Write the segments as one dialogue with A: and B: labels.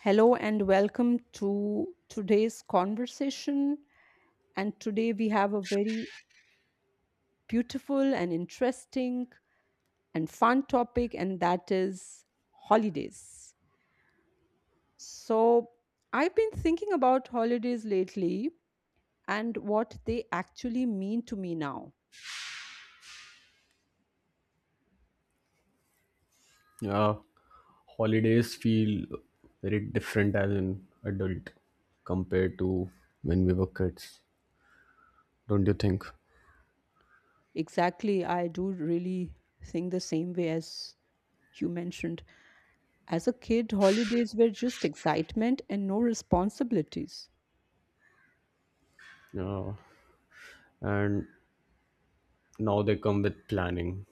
A: Hello and welcome to today's conversation. And today we have a very beautiful and interesting and fun topic, and that is holidays. So, I've been thinking about holidays lately and what they actually mean to me now.
B: Yeah, holidays feel very different as an adult compared to when we were kids, don't you think?
A: Exactly, I do really think the same way as you mentioned. As a kid, holidays were just excitement and no responsibilities.
B: Yeah, and now they come with planning,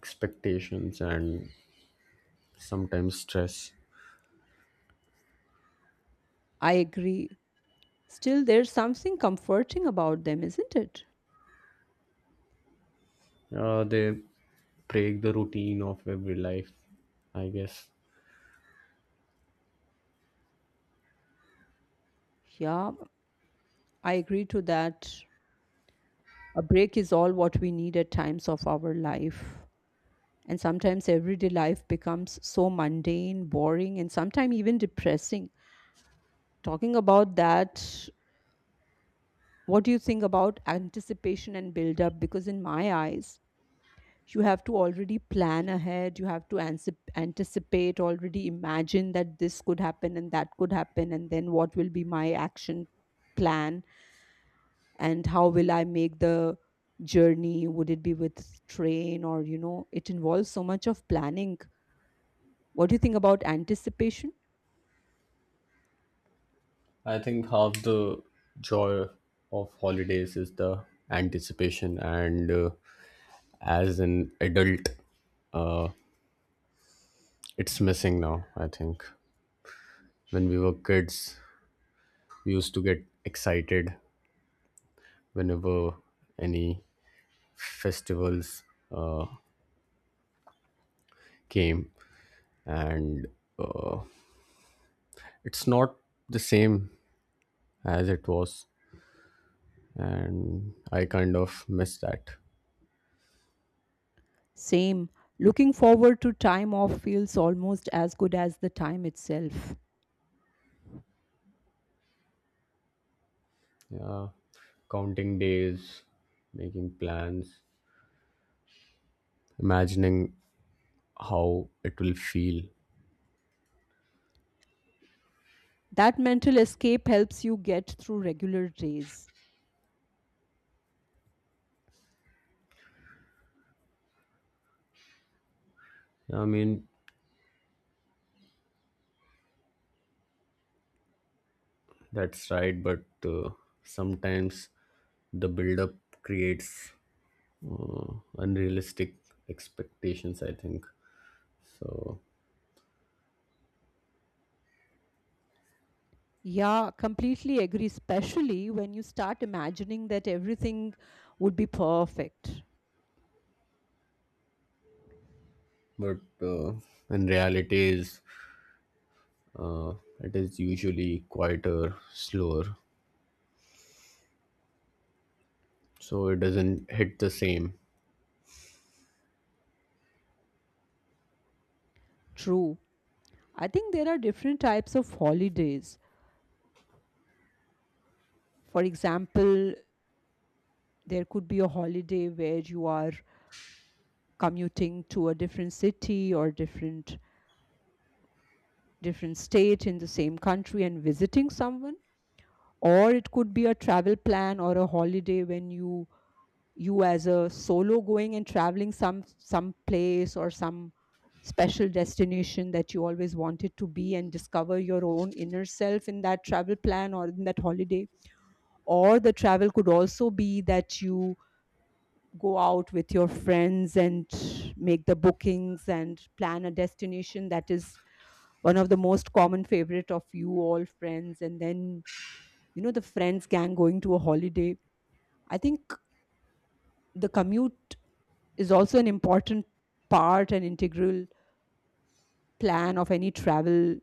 B: expectations, and sometimes stress.
A: I agree. Still, there's something comforting about them, isn't it?
B: Yeah, they break the routine of every life, I guess.
A: Yeah, I agree to that. A break is all what we need at times of our life. And sometimes everyday life becomes so mundane, boring, and sometimes even depressing. Talking about that, what do you think about anticipation and build up? Because in my eyes, you have to already plan ahead, you have to anticipate, already imagine that this could happen and that could happen, and then what will be my action plan, and how will I make the journey? Would it be with train? Or, you know, it involves so much of planning. What do you think about anticipation?
B: I think half the joy of holidays is the anticipation, and as an adult, it's missing now, I think. When we were kids we used to get excited whenever any festivals came, and uh, it's not the same as it was, and I kind of miss that.
A: Same. Looking forward to time off feels almost as good as the time itself.
B: Yeah, counting days, making plans, imagining how it will feel.
A: That mental escape helps you get through regular days.
B: Yeah, I mean that's right, but sometimes the build up creates uh, unrealistic expectations, I think so.
A: Yeah, completely agree, especially when you start imagining that everything would be perfect.
B: But uh, in reality is, uh, it is usually quieter, slower, so it doesn't hit the same.
A: True. I think there are different types of holidays. For example, there could be a holiday where you are commuting to a different city or different state in the same country and visiting someone, or it could be a travel plan or a holiday when you as a solo going and traveling some place or some special destination that you always wanted to be and discover your own inner self in that travel plan or in that holiday. Or the travel could also be that you go out with your friends and make the bookings and plan a destination that is one of the most common favorite of you all friends, and then, you know, the friends gang going to a holiday. I think the commute is also an important part and integral plan of any travel.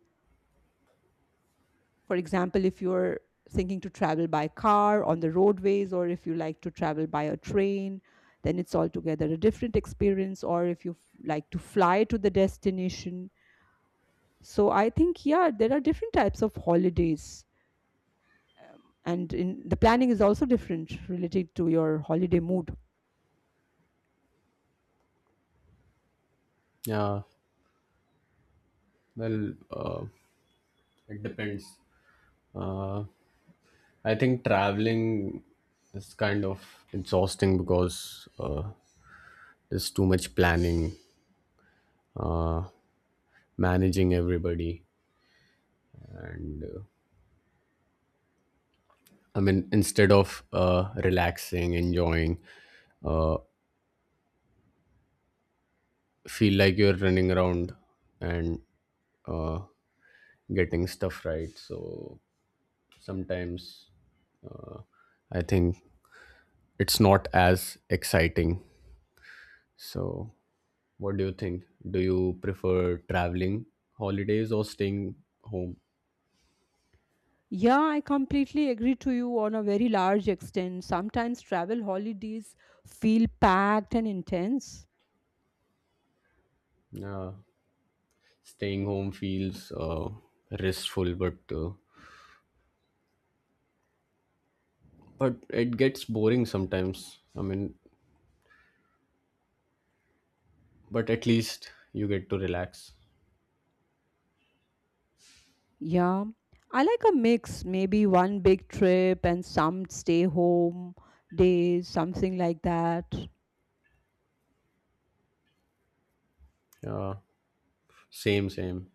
A: For example, if you're thinking to travel by car on the roadways, or if you like to travel by a train, then it's altogether a different experience. Or if you like to fly to the destination. So I think, yeah, there are different types of holidays. And in, the planning is also different related to your holiday mood.
B: Yeah, well, uh, it depends. uh, I think traveling is kind of exhausting because uh, there's too much planning, uh, managing everybody, and I mean instead of relaxing, enjoying, uh, feel like you're running around and uh, getting stuff right. So sometimes I think it's not as exciting. So, what do you think? Do you prefer traveling holidays or staying home?
A: Yeah, I completely agree to you on a very large extent. Sometimes travel holidays feel packed and intense.
B: Yeah, staying home feels restful, but it gets boring sometimes. I mean, but at least you get to relax.
A: Yeah. I like a mix, maybe one big trip and some stay home days, something like that.
B: Yeah, same, same.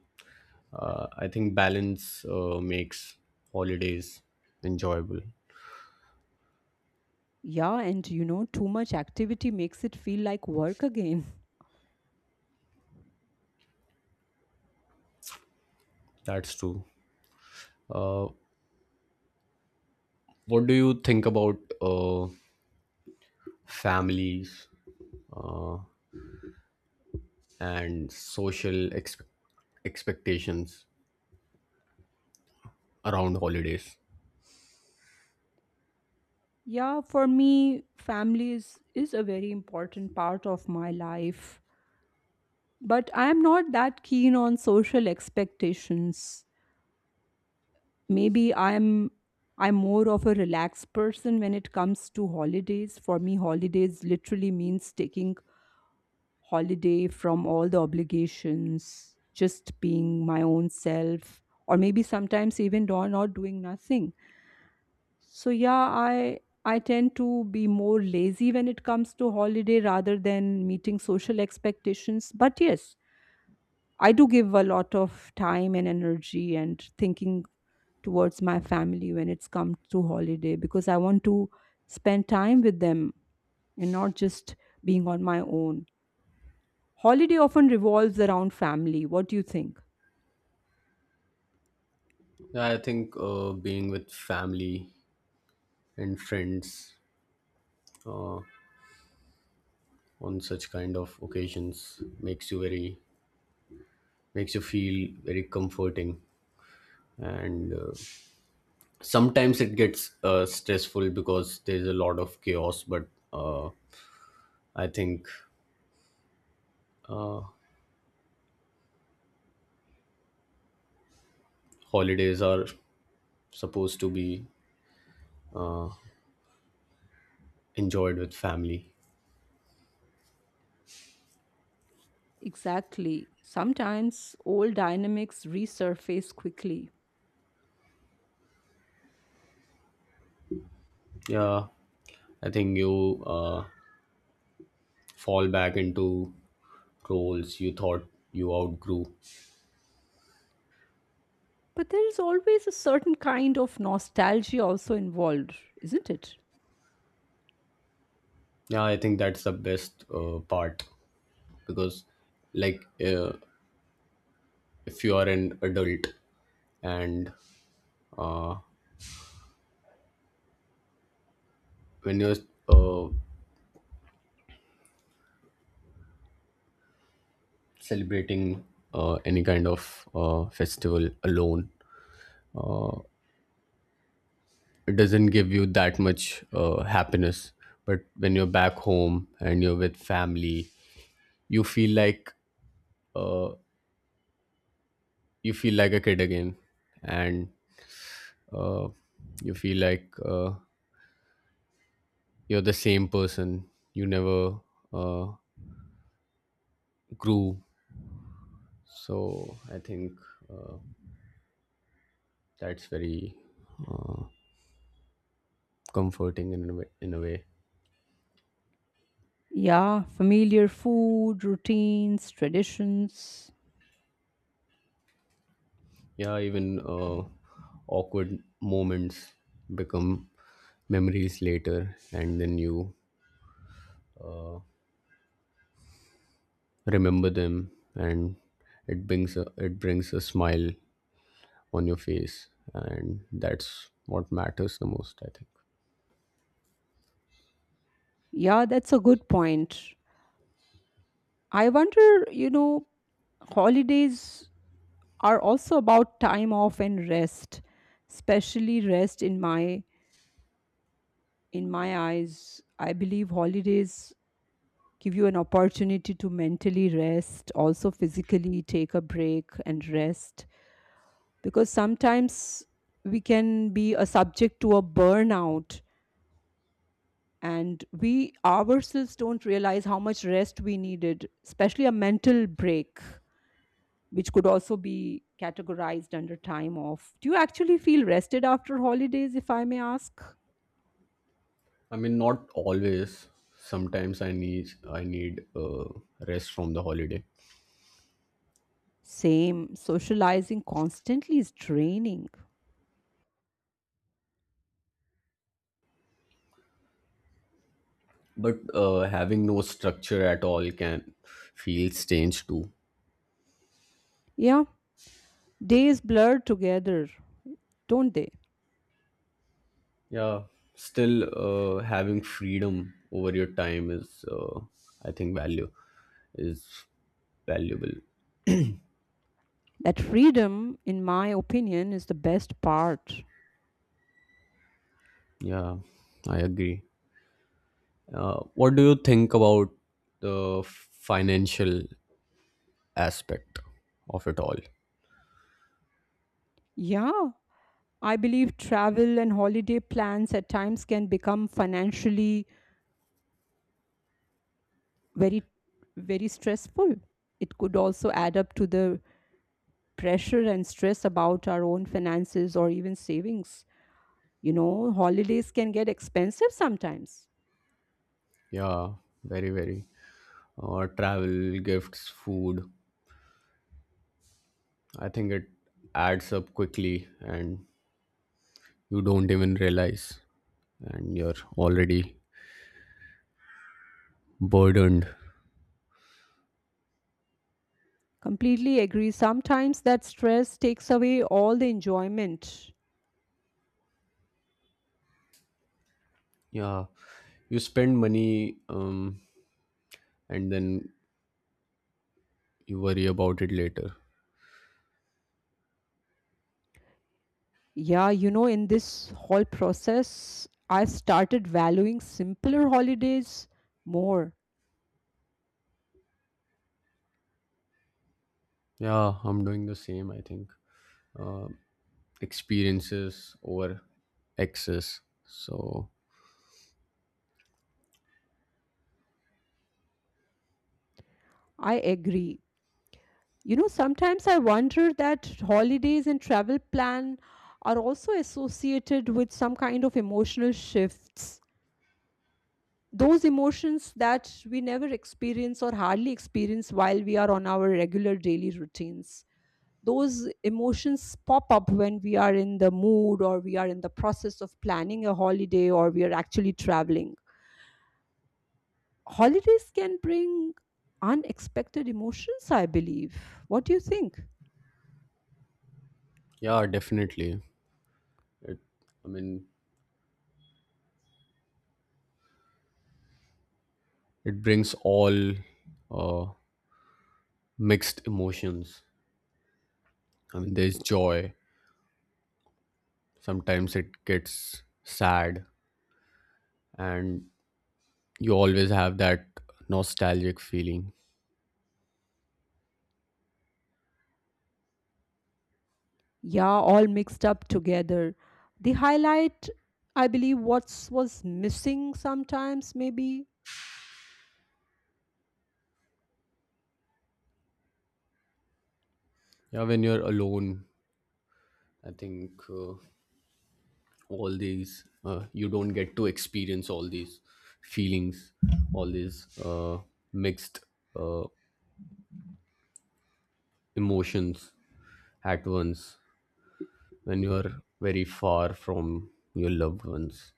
B: I think balance makes holidays enjoyable.
A: Yeah, and you know, too much activity makes it feel like work again.
B: That's true. Uh, what do you think about families and expectations around holidays?
A: Yeah, for me, family is a very important part of my life. But I'm not that keen on social expectations. Maybe I'm more of a relaxed person when it comes to holidays. For me, holidays literally means taking holiday from all the obligations, just being my own self, or maybe sometimes even not doing nothing. So yeah, I tend to be more lazy when it comes to holiday rather than meeting social expectations. But yes, I do give a lot of time and energy and thinking towards my family when it's come to holiday because I want to spend time with them and not just being on my own. Holiday often revolves around family. What do you think?
B: Yeah, I think being with family and friends on such kind of occasions makes you feel very comforting, and sometimes it gets stressful because there's a lot of chaos, but uh, I think holidays are supposed to be enjoyed with family.
A: Exactly. Sometimes old dynamics resurface quickly.
B: Yeah, I think you fall back into roles you thought you outgrew.
A: But there is always a certain kind of nostalgia also involved, isn't it?
B: Yeah, I think that's the best part, because, like, if you are an adult and when you're uh, celebrating any kind of festival alone, it doesn't give you that much happiness, but when you're back home and you're with family, you feel like you feel like a kid again, and uh, you feel like you're the same person, you never uh, grew. So I think uh, that's very comforting in a way, in a way.
A: Yeah, familiar food, routines, traditions.
B: Yeah, even awkward moments become memories later, and then you remember them and it brings a smile on your face, and that's what matters the most, I think.
A: Yeah, that's a good point. I wonder, you know, holidays are also about time off and rest, especially rest in my eyes. I believe holidays give you an opportunity to mentally rest, also physically take a break and rest because sometimes we can be a subject to a burnout and we ourselves don't realize how much rest we needed, especially a mental break, which could also be categorized under time off. Do you actually feel rested after holidays, if I may ask?
B: I mean not always, sometimes I need rest from the holiday.
A: Same. Socializing constantly is draining.
B: But having no structure at all can feel strange too.
A: Yeah, days blur together, don't they?
B: Yeah, still, having freedom over your time is, I think, value is valuable.
A: That freedom, in my opinion, is the best part.
B: Yeah, I agree. What do you think about the financial aspect of it all?
A: Yeah, I believe travel and holiday plans at times can become financially very, very stressful. It could also add up to the pressure and stress about our own finances or even savings. You know, holidays can get expensive sometimes.
B: Yeah, very, very. Travel, gifts, food. I think it adds up quickly and you don't even realize, and you're already burdened.
A: Completely agree. Sometimes that stress takes away all the enjoyment.
B: Yeah, you spend money, and then you worry about it later.
A: Yeah, you know, in this whole process, I started valuing simpler holidays more.
B: Yeah, I'm doing the same, I think. Uh, experiences over excess, so
A: I agree. You know, sometimes I wonder that holidays and travel plan are also associated with some kind of emotional shifts, those emotions that we never experience or hardly experience while we are on our regular daily routines. Those emotions pop up when we are in the mood or we are in the process of planning a holiday or we are actually traveling. Holidays can bring unexpected emotions, I believe. What do you think?
B: yeah, definitely. It i mean it brings all uh, mixed emotions. I mean, there's joy, sometimes it gets sad, and you always have that nostalgic feeling.
A: Yeah, all mixed up together. They highlight, I believe, what's was missing sometimes, maybe.
B: Yeah, when you're alone I think all these you don't get to experience all these feelings, all these mixed uh, emotions at once, when you are very far from your loved ones.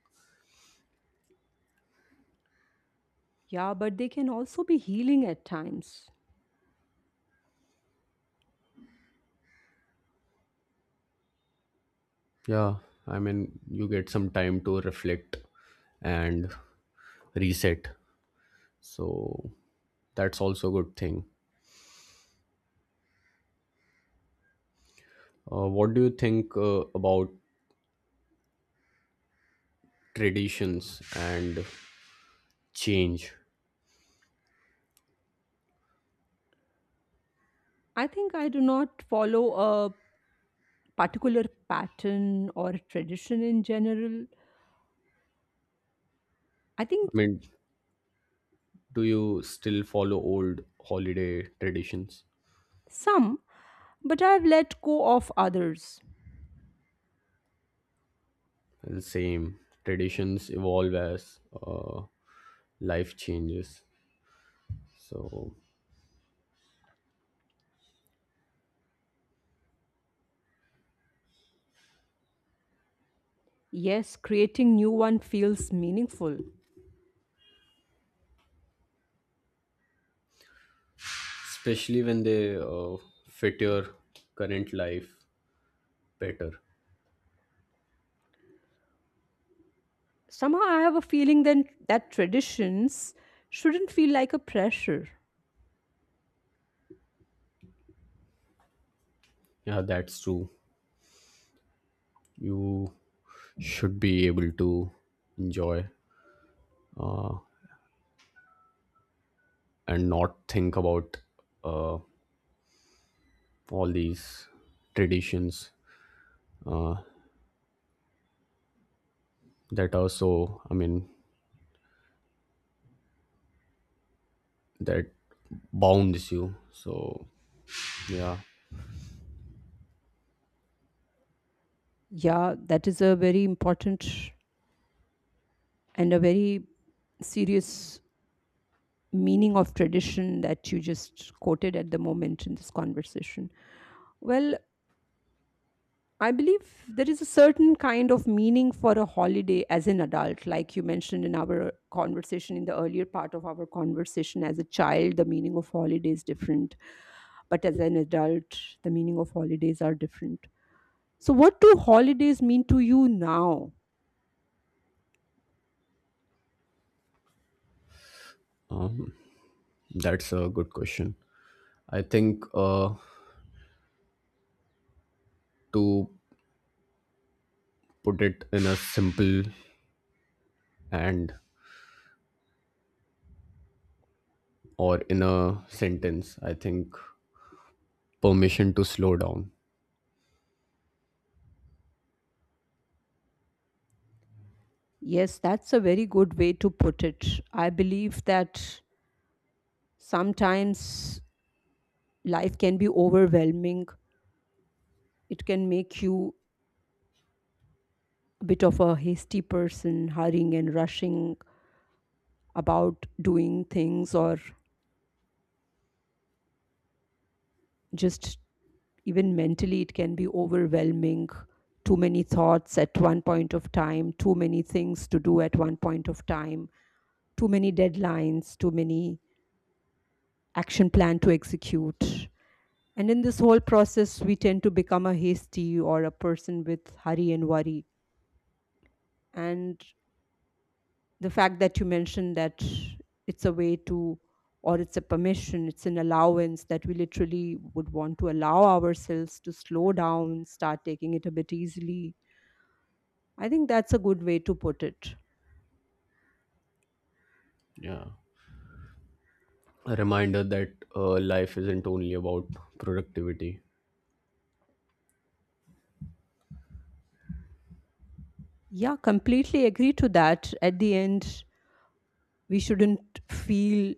A: Yeah, but they can also be healing at times.
B: Yeah, I mean, you get some time to reflect and reset. So that's also a good thing. What do you think about traditions and change?
A: I think I do not follow a particular pattern or tradition in general. I
B: I
A: think
B: mean, do you still follow old holiday traditions?
A: some, but I've let go of others.
B: The same traditions evolve as life changes. So
A: Yes, creating new one feels meaningful.
B: especially when they fit your current life better.
A: Somehow I have a feeling then that traditions shouldn't feel like a pressure.
B: Yeah, that's true, you should be able to enjoy and not think about uh, all these traditions that are so, I mean, that bounds you. So yeah.
A: Yeah, that is a very important and a very serious meaning of tradition that you just quoted at the moment in this conversation. Well, I believe there is a certain kind of meaning for a holiday as an adult, like you mentioned in our conversation, in the earlier part of our conversation. As a child, the meaning of holiday is different, but as an adult, the meaning of holidays are different. So, what do holidays mean to you now?
B: That's a good question. I think to put it in a simple and, or in a sentence, I think, permission to slow down.
A: Yes, that's a very good way to put it. I believe that sometimes life can be overwhelming, it can make you a bit of a hasty person, hurrying and rushing about doing things, or just even mentally it can be overwhelming. Too many thoughts at one point of time, too many things to do at one point of time, too many deadlines, too many action plan to execute. And in this whole process we tend to become a hasty or a person with hurry and worry. And the fact that you mentioned that it's a way to, or it's a permission, it's an allowance that we literally would want to allow ourselves to slow down, start taking it a bit easily. I think that's a good way to put it.
B: Yeah. A reminder that life isn't only about productivity.
A: Yeah, completely agree to that. At the end, we shouldn't feel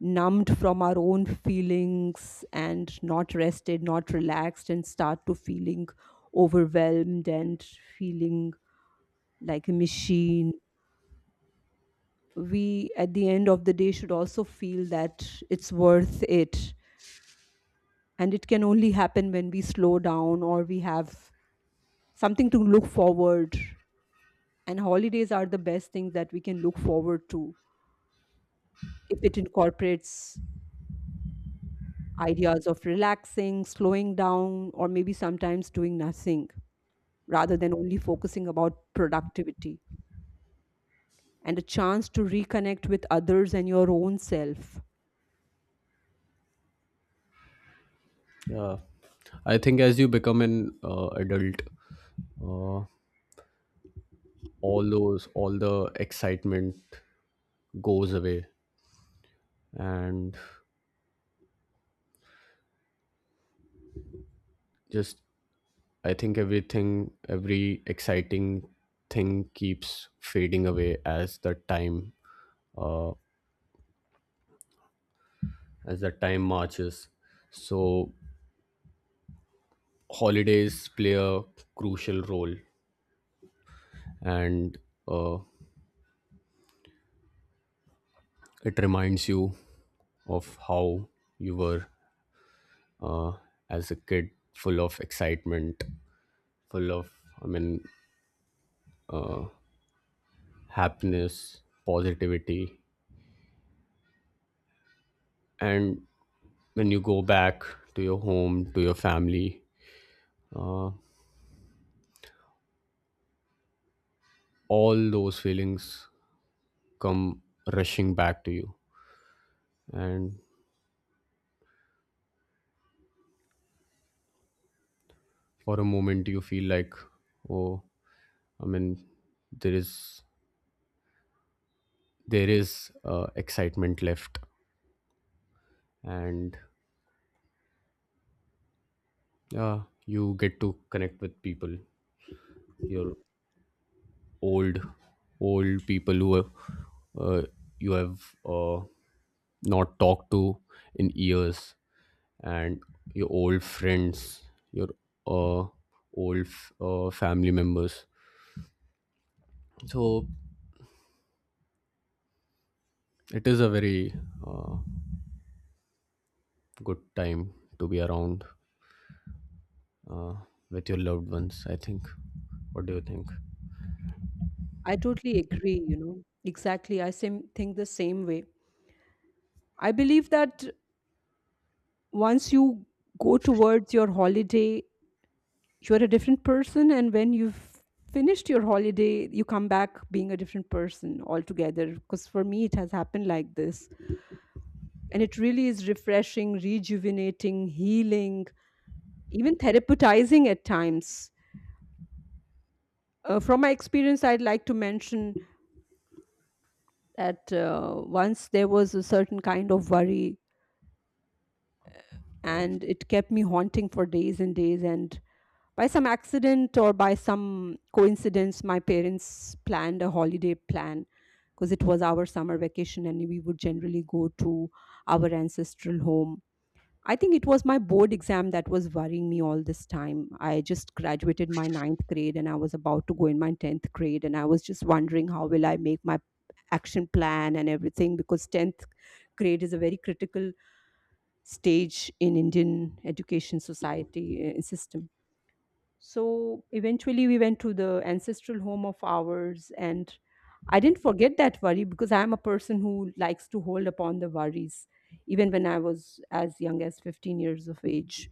A: numbed from our own feelings and not rested, not relaxed, and start to feeling overwhelmed and feeling like a machine. We at the end of the day should also feel that it's worth it, and it can only happen when we slow down or we have something to look forward. And holidays are the best thing that we can look forward to if it incorporates ideas of relaxing, slowing down, or maybe sometimes doing nothing rather than only focusing about productivity, and a chance to reconnect with others and your own self.
B: Yeah. I think as you become an adult, uh, all the excitement goes away, and just, I think everything, every exciting thing keeps fading away as as the time marches. So holidays play a crucial role, and uh, it reminds you of how you were uh, as a kid, full of excitement, full of, I mean, happiness, positivity, and when you go back to your home, to your family, all those feelings come rushing back to you, and for a moment you feel like, oh, I mean, there is there is excitement left. And yeah, you get to connect with people, your old, old people who are, uh, you have uh, not talked to in years, and your old friends, your uh, family members. So it is a very good time to be around with your loved ones, I think. What do you think?
A: I totally agree, you know. Exactly, I think the same way. I believe that once you go towards your holiday, you're a different person, and when you've finished your holiday, you come back being a different person altogether. Because for me, it has happened like this, and it really is refreshing, rejuvenating, healing, even therapizing at times. From my experience, I'd like to mention that once there was a certain kind of worry, and it kept me haunting for days and days, and by some accident or by some coincidence, my parents planned a holiday plan because it was our summer vacation and we would generally go to our ancestral home. I think it was my board exam that was worrying me all this time. I just graduated my ninth grade and I was about to go in my 10th grade, and I was just wondering how will I make my action plan and everything because 10th grade is a very critical stage in Indian education society system. So eventually, we went to the ancestral home of ours, and I didn't forget that worry because I'm a person who likes to hold upon the worries, even when I was as young as 15 years of age.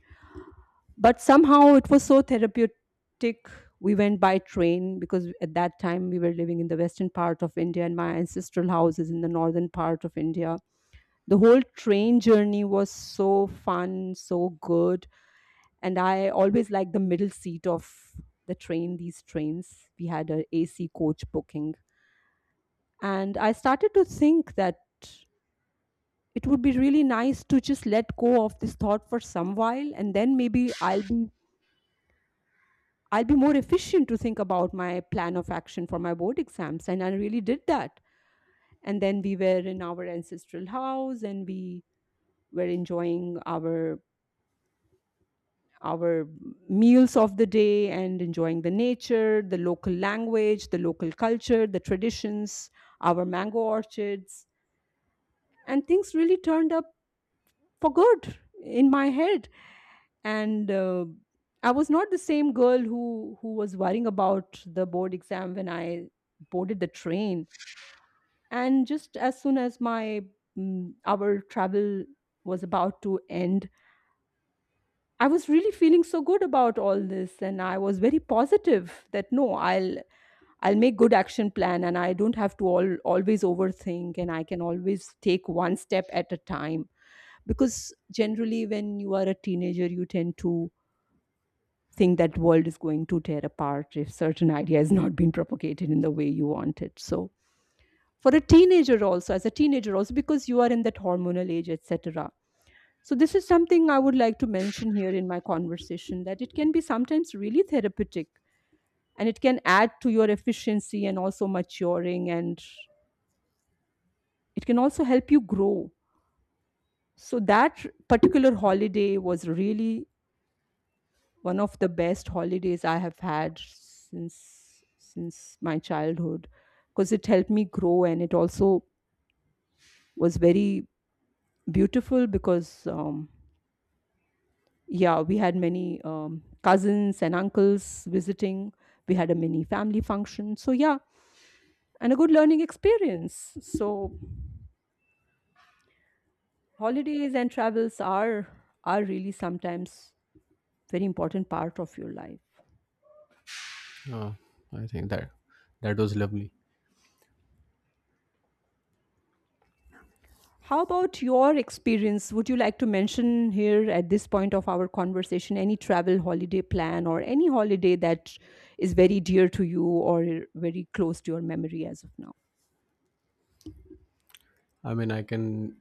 A: But somehow it was so therapeutic. We went by train because at that time we were living in the western part of India, and my ancestral house is in the northern part of India. The whole train journey was so fun, so good. And I always like the middle seat of the train. These trains, we had a AC coach booking. And I started to think that it would be really nice to just let go of this thought for some while, and then maybe I'll be more efficient to think about my plan of action for my board exams. And I really did that. And then we were in our ancestral house and we were enjoying our meals of the day and enjoying the nature, the local language, the local culture, the traditions, our mango orchards. And things really turned up for good in my head. And I was not the same girl who was worrying about the board exam when I boarded the train. And just as soon as my our travel was about to end, I was really feeling so good about all this, and I was very positive that no, I'll make good action plan and I don't have to always overthink, and I can always take one step at a time. Because generally when you are a teenager you tend to think that world is going to tear apart if certain idea has not been propagated in the way you want it. So for a teenager also, as a teenager also, because you are in that hormonal age, etc. So, this is something I would like to mention here in my conversation, that it can be sometimes really therapeutic, and it can add to your efficiency and also maturing, and it can also help you grow. So, that particular holiday was really one of the best holidays I have had since my childhood because it helped me grow, and it also was very beautiful because yeah, we had many cousins and uncles visiting. We had a mini family function, so yeah. And a good learning experience. So holidays and travels are really sometimes very important part of your life.
B: Yeah, I think that that was lovely.
A: How about your experience? Would you like to mention here at this point of our conversation any travel holiday plan or any holiday that is very dear to you or very close to your memory as of now?
B: I mean, I can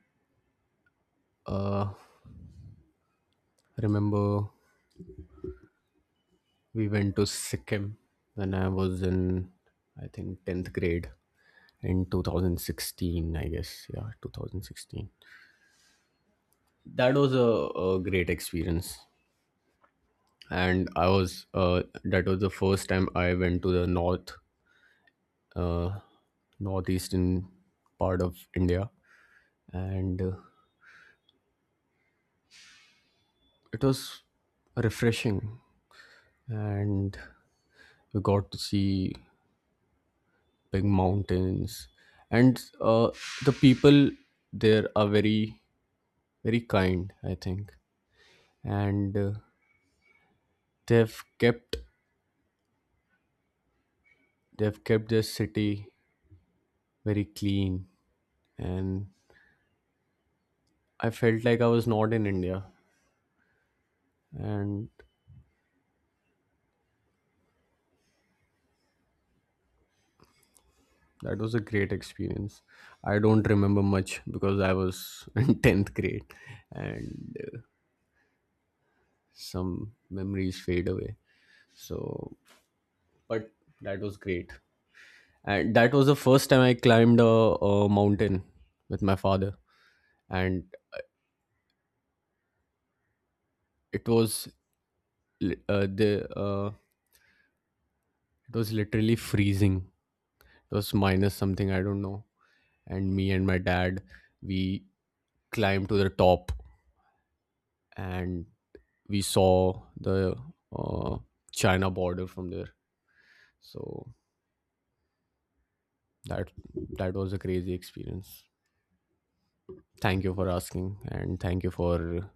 B: uh, remember, we went to Sikkim when I was in, I think, 10th grade in 2016, I guess. Yeah, 2016. That was a great experience. And I was, that was the first time I went to the north, uh, northeastern part of India. And it was refreshing. And we got to see big mountains. And the people there are very kind, I think. And they've kept they've kept this city very clean, and I felt like I was not in India, and that was a great experience. I don't remember much because I was in tenth grade, and some memories fade away. So, but that was great, and that was the first time I climbed a mountain with my father, and it was li- the it was literally freezing. It was minus something, I don't know. And me and my dad, we climbed to the top and we saw the uh, China border from there. So that that was a crazy experience. Thank you for asking, and thank you for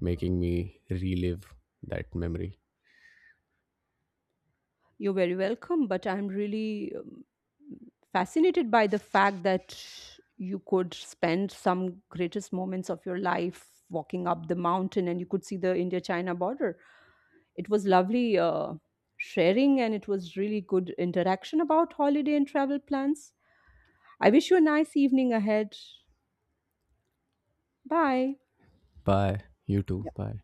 B: making me relive that memory.
A: You're very welcome, but I'm really fascinated by the fact that you could spend some greatest moments of your life walking up the mountain and you could see the India China border. It was lovely sharing, and it was really good interaction about holiday and travel plans. I wish you a nice evening ahead. Bye.
B: Bye. You too. Bye.